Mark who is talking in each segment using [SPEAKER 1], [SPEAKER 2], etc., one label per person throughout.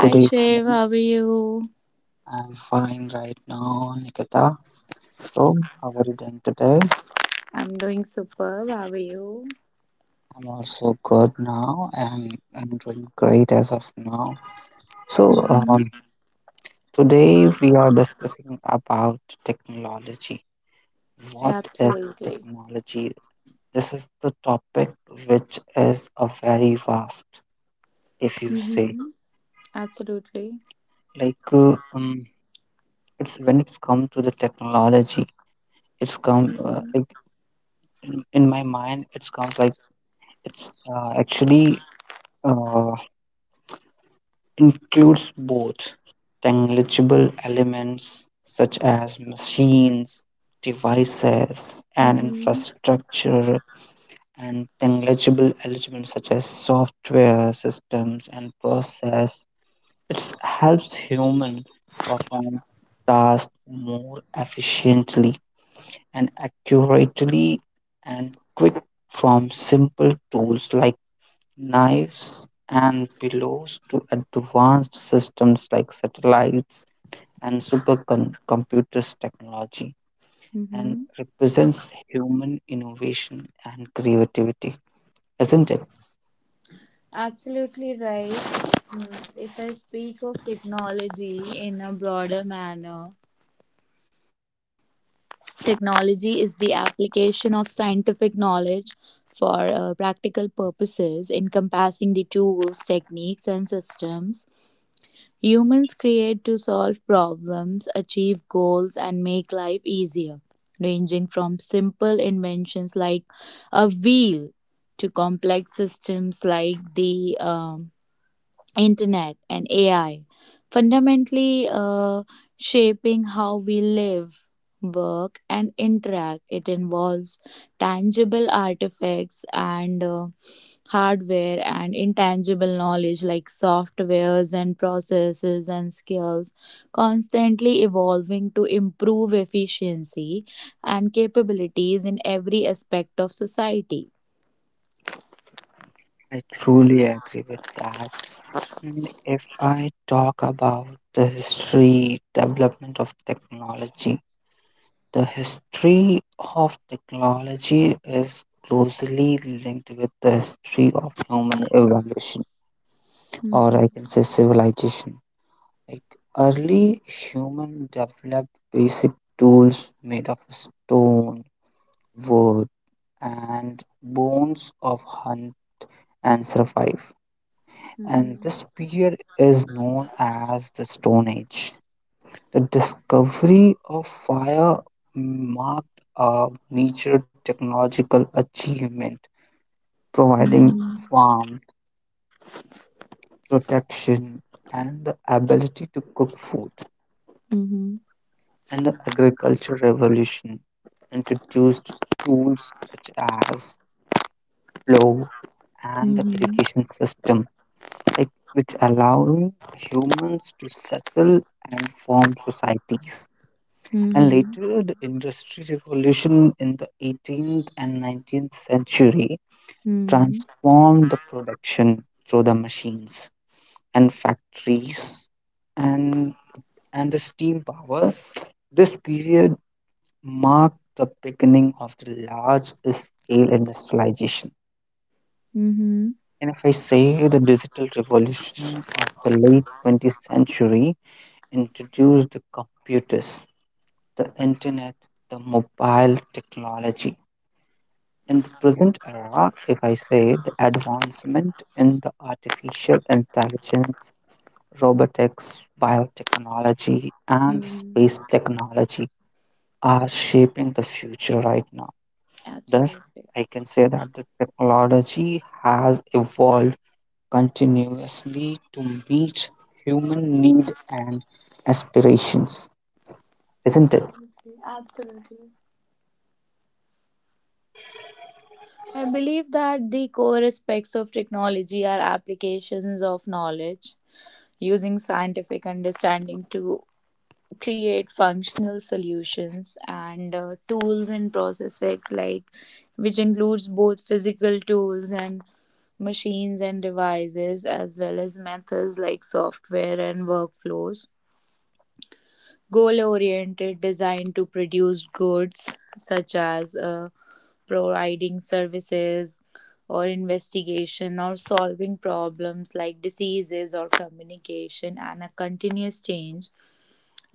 [SPEAKER 1] Good
[SPEAKER 2] Shiv,
[SPEAKER 1] evening.
[SPEAKER 2] how are you?
[SPEAKER 1] I'm fine right now, Nikita. So, how are you doing today?
[SPEAKER 2] I'm doing superb. How are you?
[SPEAKER 1] I'm also good now and I'm doing great as of now. So,
[SPEAKER 2] Mm-hmm.
[SPEAKER 1] today we are discussing about technology. What is the
[SPEAKER 2] Absolutely.
[SPEAKER 1] technology? This is the topic, which is a very vast, if you say.
[SPEAKER 2] Mm-hmm. Absolutely.
[SPEAKER 1] Like, it's when it's come to the technology, it's come
[SPEAKER 2] Mm-hmm.
[SPEAKER 1] like in my mind it comes like it's actually uh, includes both tangible elements such as machines, devices, and
[SPEAKER 2] Mm-hmm.
[SPEAKER 1] infrastructure, and tangible elements such as software, systems, and process. It helps human perform tasks more efficiently and accurately and quick, from simple tools like knives and pillows to advanced systems like satellites and supercomputers. Technology and
[SPEAKER 2] Mm-hmm.
[SPEAKER 1] represents human innovation and creativity, isn't it?
[SPEAKER 2] Absolutely right. If I speak of technology in a broader manner, technology is the application of scientific knowledge for practical purposes, encompassing the tools, techniques, and systems humans create to solve problems, achieve goals, and make life easier, ranging from simple inventions like a wheel to complex systems like the internet and AI, fundamentally shaping how we live, work, and interact. It involves tangible artifacts and hardware, and intangible knowledge like softwares and processes and skills, constantly evolving to improve efficiency and capabilities in every aspect of society.
[SPEAKER 1] I truly agree with that. And if I talk about the history, development of technology, the history of technology is closely linked with the history of human evolution, or I
[SPEAKER 2] Mhm.
[SPEAKER 1] can say civilization. Like, early human developed basic tools made of stone, wood, and bones of hunt and survive. And
[SPEAKER 2] Mhm.
[SPEAKER 1] this period is known as the Stone Age. The discovery of fire marked a major technological achievement, providing
[SPEAKER 2] Mhm.
[SPEAKER 1] warmth, protection, and the ability to cook food.
[SPEAKER 2] Mhm.
[SPEAKER 1] And the agricultural revolution introduced tools such as plow and the
[SPEAKER 2] Mhm.
[SPEAKER 1] irrigation system, like which allowing humans to settle and form societies. And
[SPEAKER 2] Mhm.
[SPEAKER 1] later, the industry revolution in the 18th and 19th century
[SPEAKER 2] Mhm.
[SPEAKER 1] transformed the production through the machines and factories and and the steam power. This period mark the beginning of the large scale industrialization.
[SPEAKER 2] Mhm.
[SPEAKER 1] And if I say, the digital revolution of the late 20th century introduced the computers, the internet, the mobile technology. In the present era, if I say, the advancement in the artificial intelligence, robotics, biotechnology, and
[SPEAKER 2] Mhm.
[SPEAKER 1] space technology are shaping the future right now. Thus,
[SPEAKER 2] Absolutely.
[SPEAKER 1] I can say that the technology has evolved continuously to meet human need and aspirations, isn't it?
[SPEAKER 2] Absolutely. Absolutely. I believe that the core aspects of technology are applications of knowledge, using scientific understanding to create functional solutions and tools and processes, like which includes both physical tools and machines and devices, as well as methods like software and workflows, goal oriented design to produce goods such as providing services or investigation or solving problems like diseases or communication, and a continuous change,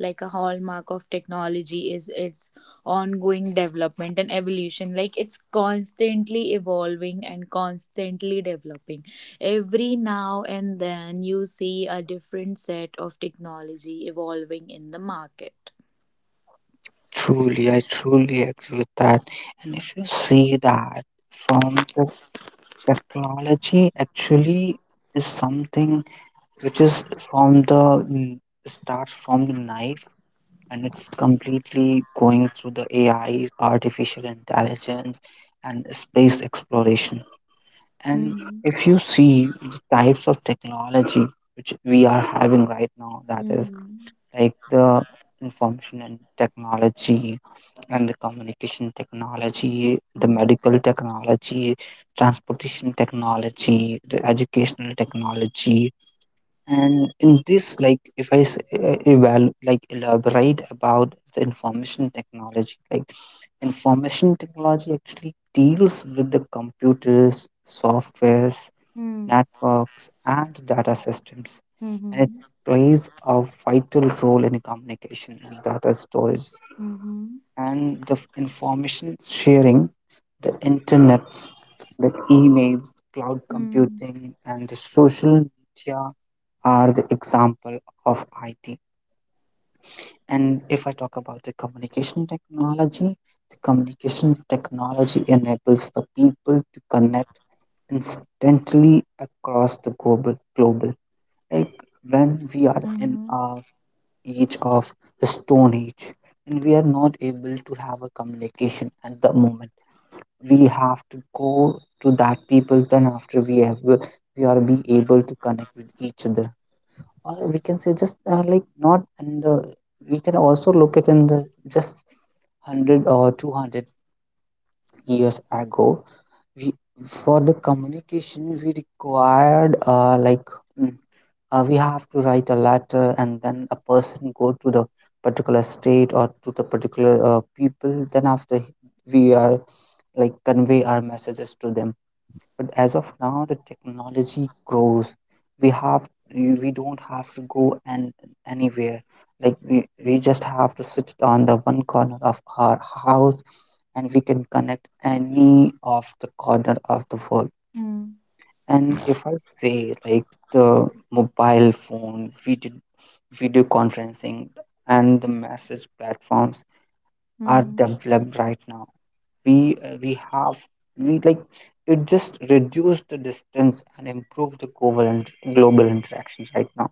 [SPEAKER 2] like a hallmark of technology is its ongoing development and evolution, like it's constantly evolving and constantly developing. Every now and then you see a different set of technology evolving in the market.
[SPEAKER 1] Truly, I truly agree with that. And if you see that, from the technology, actually is something which is starts from the knife, and it's completely going through the AI, artificial intelligence, and space exploration. And
[SPEAKER 2] Mhm.
[SPEAKER 1] if you see the types of technology which we are having right now, that is
[SPEAKER 2] Mhm.
[SPEAKER 1] like the information and technology, and the communication technology, the
[SPEAKER 2] Mm.
[SPEAKER 1] medical technology, transportation technology, the educational technology. And in this, like if I s- eval- like elaborate about the information technology, like information technology actually deals with the computers, softwares,
[SPEAKER 2] Mm.
[SPEAKER 1] networks, and data systems, and it
[SPEAKER 2] Mhm.
[SPEAKER 1] plays a vital role in communication and data storage and the information sharing. The internet, the emails, cloud
[SPEAKER 2] Mhm.
[SPEAKER 1] computing, and the social media are the example of IT. And if I talk about the communication technology enables the people to connect instantly across the global. Like, when we are
[SPEAKER 2] Mm.
[SPEAKER 1] in
[SPEAKER 2] Mhm.
[SPEAKER 1] our age of stone age and we are not able to have a communication, at the moment we have to go to that people, then after we are be able to connect with each other, or we can say, just like not in the we can also look at in the just 100 or 200 years ago. re- for the communication we required mm, we have to write a letter, and then a person go to the particular state or to the particular people, then after we are like convey our messages to them. But as of now, the technology grows. We don't have to go and anywhere. Like, we just have to sit on the one corner of our house and we can connect any of the corner of the world.
[SPEAKER 2] Mm.
[SPEAKER 1] And if I say, like, the mobile phone, video, video conferencing, and the message platforms are
[SPEAKER 2] Mhm.
[SPEAKER 1] developed right now. We uh, we have we like it just reduced the distance and improved the global and global interactions right now.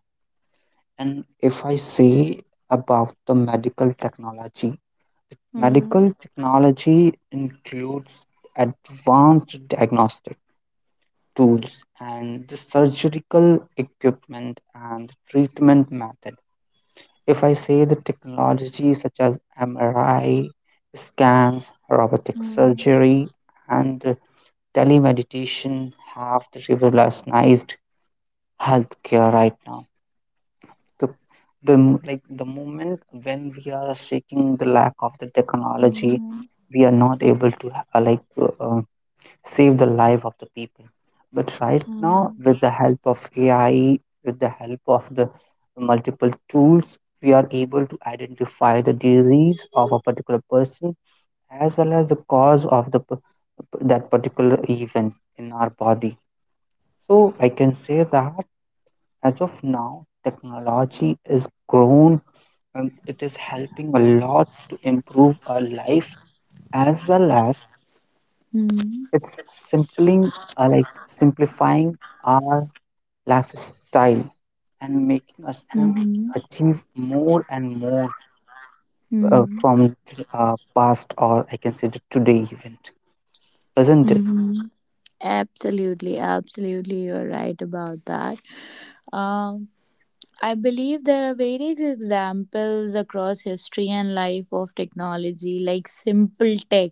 [SPEAKER 1] And if I say about the medical technology,
[SPEAKER 2] Mm.
[SPEAKER 1] medical technology includes advanced diagnostic tools and the surgical equipment and treatment method. If I say the technology such as MRI scans, robotic
[SPEAKER 2] Mm. Mhm.
[SPEAKER 1] surgery, and telemeditation have the revolutionized healthcare right now. The, the the moment when we are seeking the lack of the technology, we are not able to like save the life of the people. But right now,
[SPEAKER 2] Mm.
[SPEAKER 1] with the help of AI, with the help of the multiple tools, we are able to identify the disease of a particular person, as well as the cause of the that particular event in our body. So I can say that, as of now, technology is grown, and it is helping a lot to improve our life, as well as it's simpling like simplifying our lifestyle and making us
[SPEAKER 2] Mm.
[SPEAKER 1] to
[SPEAKER 2] Mhm.
[SPEAKER 1] achieve more and more
[SPEAKER 2] Mm.
[SPEAKER 1] from past, or I can say the today event, isn't it?
[SPEAKER 2] Mhm. Absolutely, absolutely, you're right about that. Um, I believe there are various examples across history and life of technology. Like simple tech,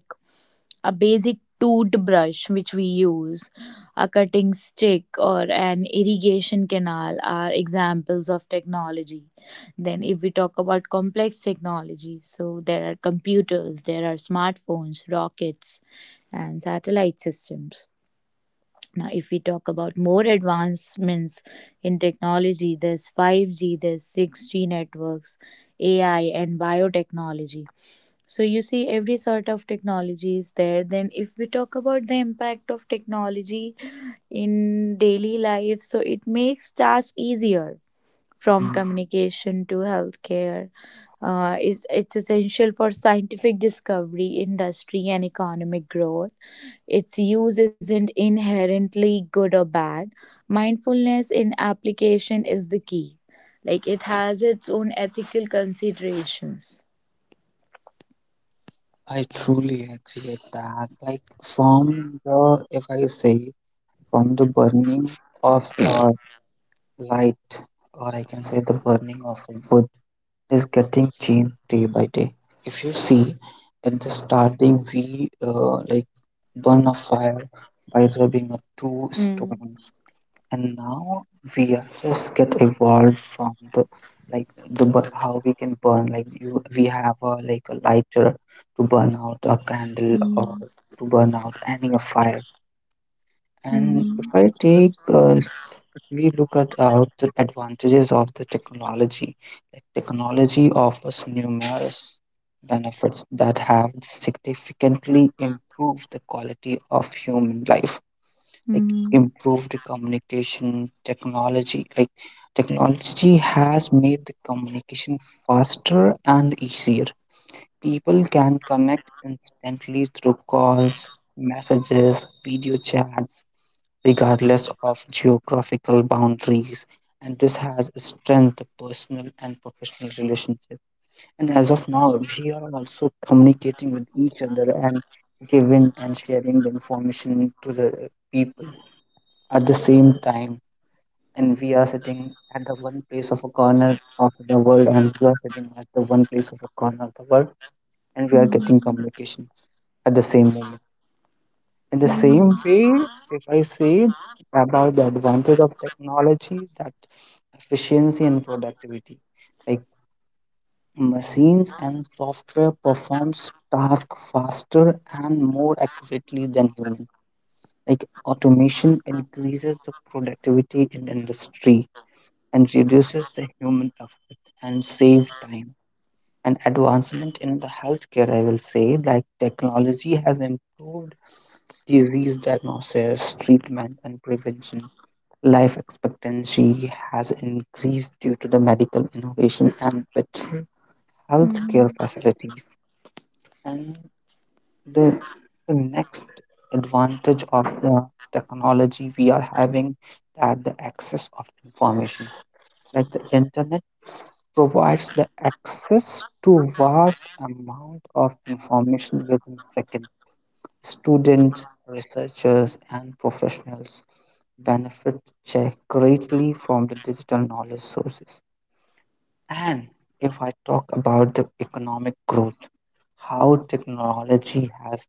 [SPEAKER 2] a basic toothbrush which we use, a cutting stick, or an irrigation canal are examples of technology. Then, if we talk about complex technology, so there are computers, there are smartphones, rockets, and satellite systems. Now, if we talk about more advancements in technology, there's 5G, there's 6G networks, AI, and biotechnology. So you see, every sort of technology is there. Then, if we talk about the impact of technology in daily life, so it makes tasks easier, from
[SPEAKER 1] Mhm.
[SPEAKER 2] communication to healthcare. It's essential for scientific discovery, industry, and economic growth. Its use isn't inherently good or bad. Mindfulness in application is the key. Like, it has its own ethical considerations.
[SPEAKER 1] I truly agree with that. Like, if I say, from the burning of a light, or I can say the burning of wood, is getting changed day by day. If you see, at the starting, we like burn a fire by rubbing a two
[SPEAKER 2] Hmm.
[SPEAKER 1] stones, and now we are just get evolved from the like how we can burn, like you we have a like a lighter to burn out a candle
[SPEAKER 2] Hmm.
[SPEAKER 1] or to burn out any a fire. And
[SPEAKER 2] Mhm.
[SPEAKER 1] if I take we look at out the advantages of the technology. Like, technology offers numerous benefits that have significantly improved the quality of human life. Like,
[SPEAKER 2] Mhm.
[SPEAKER 1] improved communication technology. Like, technology has made the communication faster and easier. People can connect instantly through calls, messages, video chats, regardless of geographical boundaries, and this has strengthened personal and professional relationship. And as of now, we are also communicating with each other and giving and sharing the information to the people at the same time. And we are sitting at the one place of a corner of the world, and we are sitting at the one place of a corner of the world, and we are getting
[SPEAKER 2] Mhm.
[SPEAKER 1] communication at the same moment. In the
[SPEAKER 2] Mhm.
[SPEAKER 1] same way, if I say about the advantage of technology, that efficiency and productivity, like machines and software performs tasks faster and more accurately than human. Like, automation increases the productivity in industry and reduces the human effort and save time. And advancement in the healthcare, I will say, like technology has improved disease diagnosis, treatment, and prevention. Life expectancy has increased due to the medical innovation and better healthcare
[SPEAKER 2] Mhm.
[SPEAKER 1] facilities. And the, the next advantage of the technology we are having, that the access of information. Like, the internet provides the access to vast amount of information within seconds. Students, researchers, and professionals benefit greatly from the digital knowledge sources. And if I talk about the economic growth, how technology has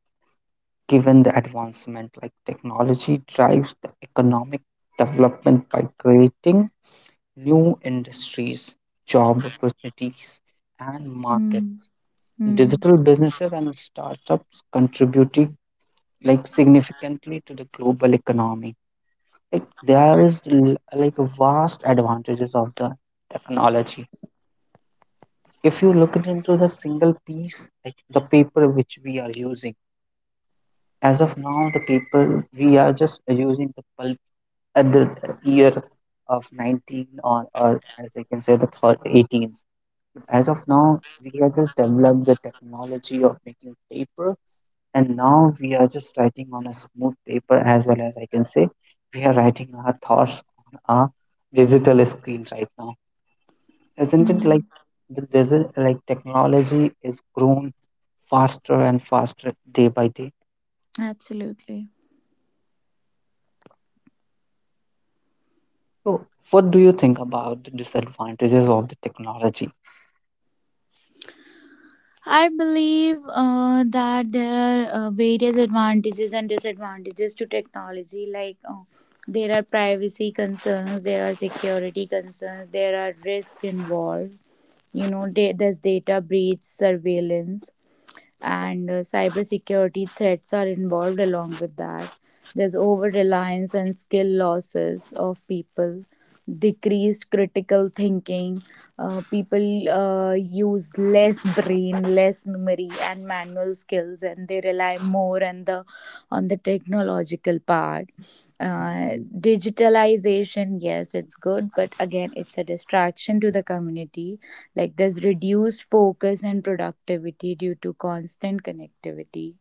[SPEAKER 1] given the advancement, like technology drives the economic development by creating new industries, job opportunities, and market.
[SPEAKER 2] Mhm. Mhm.
[SPEAKER 1] Digital businesses and startups contributing like significantly to the global economy, like there is l- like vast advantages of the technology, if you look it into the single piece, like the paper which we are using as of now. The paper, we are just using the pulp at the year of 19, or as I can say the third 18th. As of now we have just developed the technology of making paper, and now we are just writing on a smooth paper, as well as I can say we are writing our thoughts on a digital screen right now. Isn't it like
[SPEAKER 2] Mhm.
[SPEAKER 1] like technology is grown faster and faster day by day?
[SPEAKER 2] Absolutely.
[SPEAKER 1] So what do you think about the disadvantages of the technology?
[SPEAKER 2] I believe that there are various advantages and disadvantages to technology. There are privacy concerns, there are security concerns, there are risks involved. You know, there's data breach, surveillance, and cybersecurity threats are involved along with that. There's over reliance and skill losses of people, decreased critical thinking. People use less brain, less memory, and manual skills, and they rely more on the technological part. Uh,
[SPEAKER 1] Mhm.
[SPEAKER 2] Digitalization, yes, it's good, but again, it's a distraction to the community, like there's reduced focus and productivity due to constant connectivity.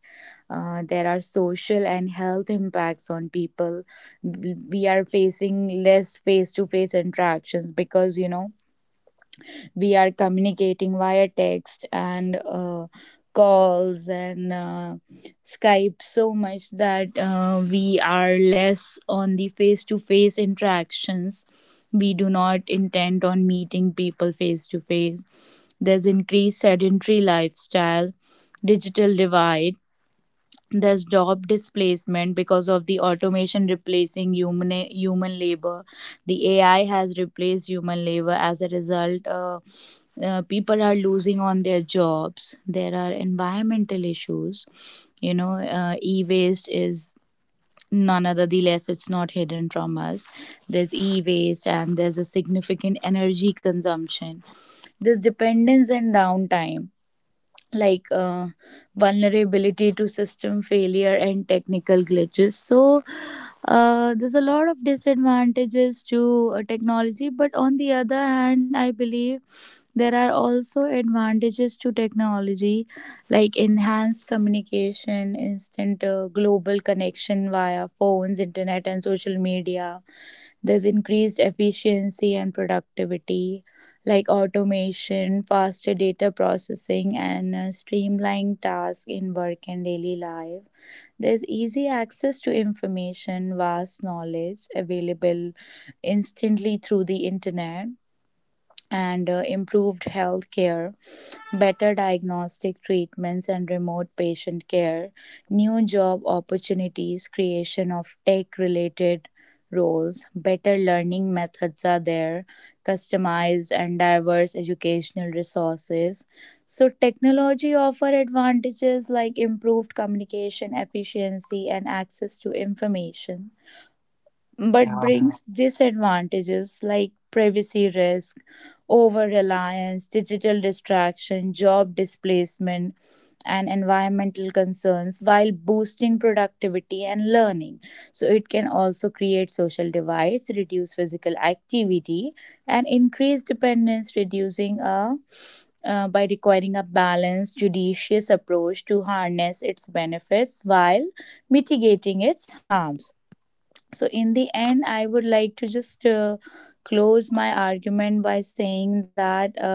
[SPEAKER 2] There are social and health impacts on people. We are facing less face to face interactions because, you know, we are communicating via text and calls and Skype so much that we are less on the face to face interactions. We do not intend on meeting people face to face. There's increased sedentary lifestyle, digital divide, there's job displacement because of the automation replacing human labor. The AI has replaced human labor. As a result, people are losing on their jobs. There are environmental issues. You know, e-waste is none other the less, it's not hidden from us. There's e-waste and there's a significant energy consumption. There's dependence and downtime, like uh, vulnerability to system failure and technical glitches. So there's a lot of disadvantages to technology, but on the other hand I believe there are also advantages to technology, like enhanced communication, instant global connection via phones, internet and social media. There's increased efficiency and productivity, like automation, faster data processing, and streamlined tasks in work and daily life. There's easy access to information, vast knowledge available instantly through the internet, and improved health care, better diagnostic treatments and remote patient care, new job opportunities, creation of tech related roles, better learning methods are there, customized and diverse educational resources. So technology offer advantages like improved communication, efficiency and access to information, but
[SPEAKER 1] Yeah.
[SPEAKER 2] brings disadvantages like privacy risk, over reliance, digital distraction, job displacement, and environmental concerns while boosting productivity and learning. So, it can also create social divides, reduce physical activity, and increase dependence, reducing a by requiring a balanced, judicious approach to harness its benefits while mitigating its harms. So, in the end, I would like to just close my argument by saying that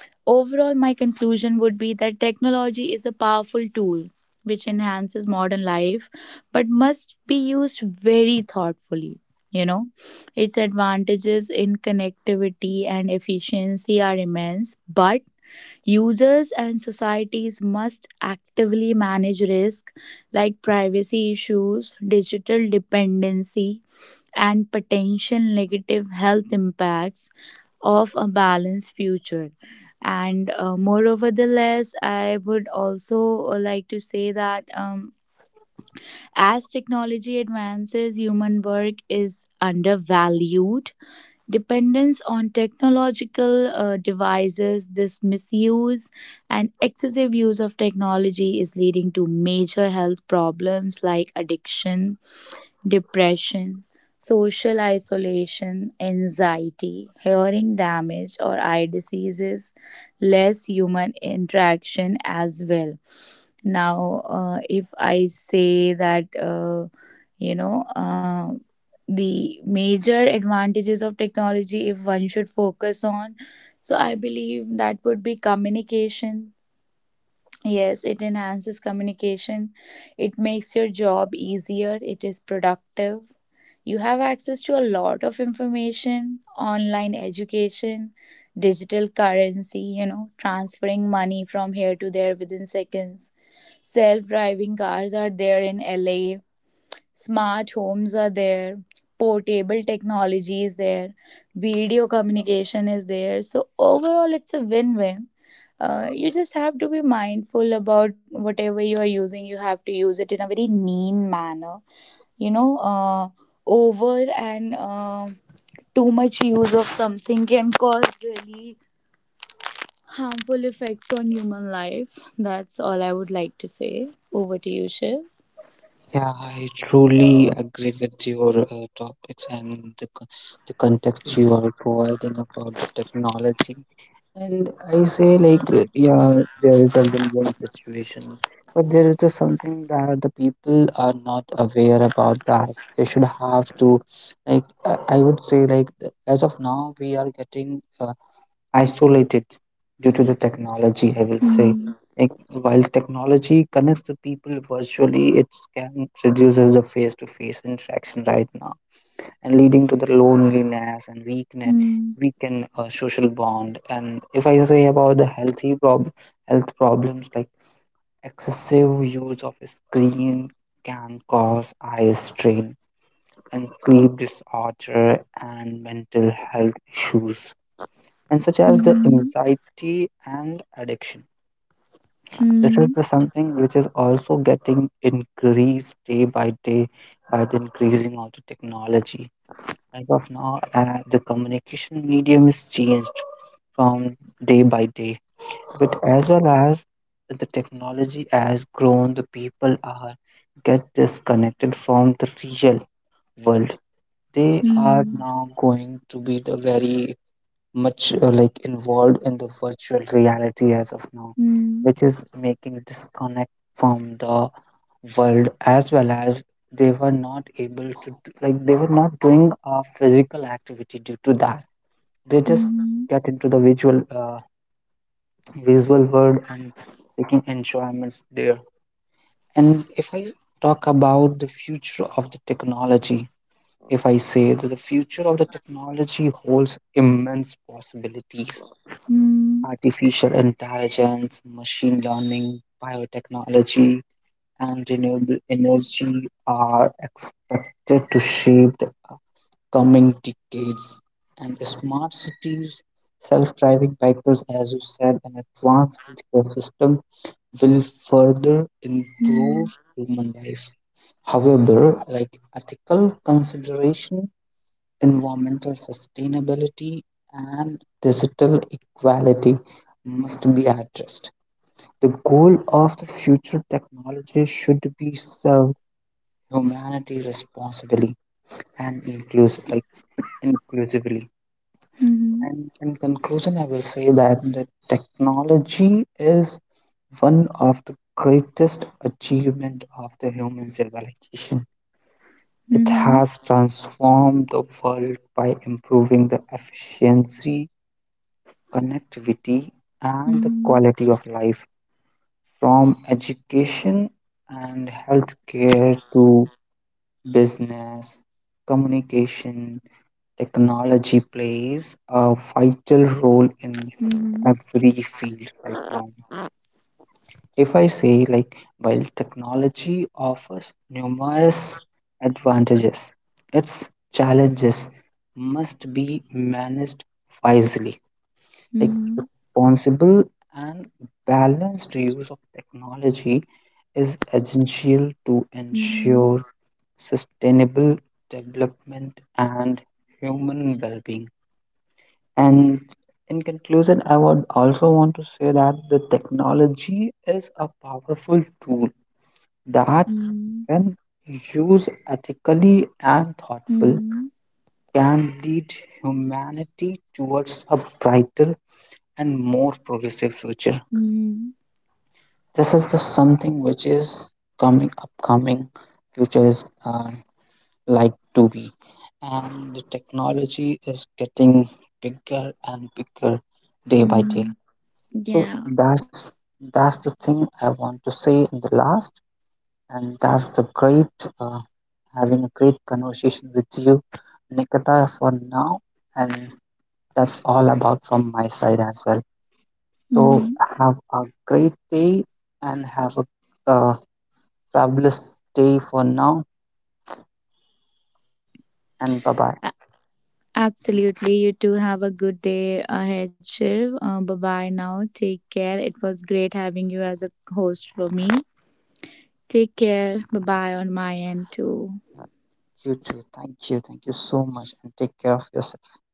[SPEAKER 2] overall, my conclusion would be that technology is a powerful tool which enhances modern life but must be used very thoughtfully. You know, its advantages in connectivity and efficiency are immense, but users and societies must actively manage risk like privacy issues, digital dependency, and potential negative health impacts of a balanced future. And moreover, the less I would also like to say that as technology advances, human work is undervalued. Dependence on technological devices, this misuse and excessive use of technology is leading to major health problems like addiction, depression, social isolation, anxiety, hearing damage or eye diseases, less human interaction as well. Now, if I say that, you know, uh, the major advantages of technology, if one should focus on, so I believe that would be communication. Yes, it enhances communication. It makes your job easier. It is productive. You have access to a lot of information, online education, digital currency, you know, transferring money from here to there within seconds. Self driving cars are there in LA. Smart homes are there, portable technology is there, video communication is there. So, overall, it's a win win. You just have to be mindful about whatever you are using. You have to use it in a very mean manner. You know, over and too much use of something can cause really harmful effects on human life. That's all I would like to say. Over to you, Shiv.
[SPEAKER 1] Yeah, I truly agree with your topics and the context you are providing about the technology. And I say, like, yeah, there is a win win situation, but there is the something that the people are not aware about that. They should have to, like, I would say, like, as of now, we are getting isolated due to the technology, I will say. Like, while technology connects the people virtually, it can reduces the face-to-face interaction right now, and leading to the loneliness and weakness,
[SPEAKER 2] Mm-hmm.
[SPEAKER 1] weaken social bond. And if I say about health problems, like excessive use of screen can cause eye strain and sleep disorder and mental health issues and such as the anxiety and addiction. This is
[SPEAKER 2] Mm,
[SPEAKER 1] the something which is also getting increased day by day by the increasing of the technology. As of now, the communication medium is changed from day by day, but as well as the technology has grown, the people are get disconnected from the real world. They are
[SPEAKER 2] mm,
[SPEAKER 1] now going to be the very much like involved in the virtual reality as of now,
[SPEAKER 2] mm,
[SPEAKER 1] which is making disconnect from the world, as well as they were not able to do, like they were not doing a physical activity due to that. They just
[SPEAKER 2] mhm,
[SPEAKER 1] get into the visual world and taking enjoyments there. And if I talk about the future of the technology, if I say that the future of the technology holds immense possibilities.
[SPEAKER 2] mm,
[SPEAKER 1] Artificial intelligence, machine learning, biotechnology, and renewable energy are expected to shape the coming decades. And smart cities, self driving vehicles, as you said, and advanced healthcare system will further
[SPEAKER 2] mm,
[SPEAKER 1] improve human life. However, like ethical considerations, environmental sustainability, and digital equality must be addressed. The goal of the future technology should be serve humanity responsibly and inclusive, like inclusively.
[SPEAKER 2] mhm,
[SPEAKER 1] And in conclusion, I will say that the technology is one of the greatest achievement of the human civilization. It
[SPEAKER 2] mhm,
[SPEAKER 1] has transformed the world by improving the efficiency, connectivity, and the
[SPEAKER 2] mhm,
[SPEAKER 1] quality of life. From education and healthcare to business, communication, technology plays a vital role in
[SPEAKER 2] mhm,
[SPEAKER 1] every field right now. If I say, like, while technology offers numerous advantages, its challenges must be managed wisely. Like,
[SPEAKER 2] mhm,
[SPEAKER 1] responsible and balanced use of technology is essential to
[SPEAKER 2] mhm,
[SPEAKER 1] ensure sustainable development and human well-being. And in conclusion, I would also want to say that the technology is a powerful tool that,
[SPEAKER 2] mhm,
[SPEAKER 1] when used ethically and thoughtful,
[SPEAKER 2] mhm,
[SPEAKER 1] can lead humanity towards a brighter and more progressive future.
[SPEAKER 2] mhm,
[SPEAKER 1] This is just something which is coming upcoming. Future is like to be, and the technology is getting bigger and bigger day by day.
[SPEAKER 2] mhm.
[SPEAKER 1] So
[SPEAKER 2] Yeah.
[SPEAKER 1] that's the thing I want to say in the last, and that's the great having a great conversation with you, Nikita, for now, and that's all about from my side as well.
[SPEAKER 2] Mm-hmm.
[SPEAKER 1] So have a great day, and have a uh, fabulous day for now, and bye bye.
[SPEAKER 2] Absolutely. You too have a good day ahead, Shiv. Bye bye now. Take care. It was great having you as a host for me. Take care. Bye bye on my end too.
[SPEAKER 1] You too. Thank you. Thank you so much and take care of yourself.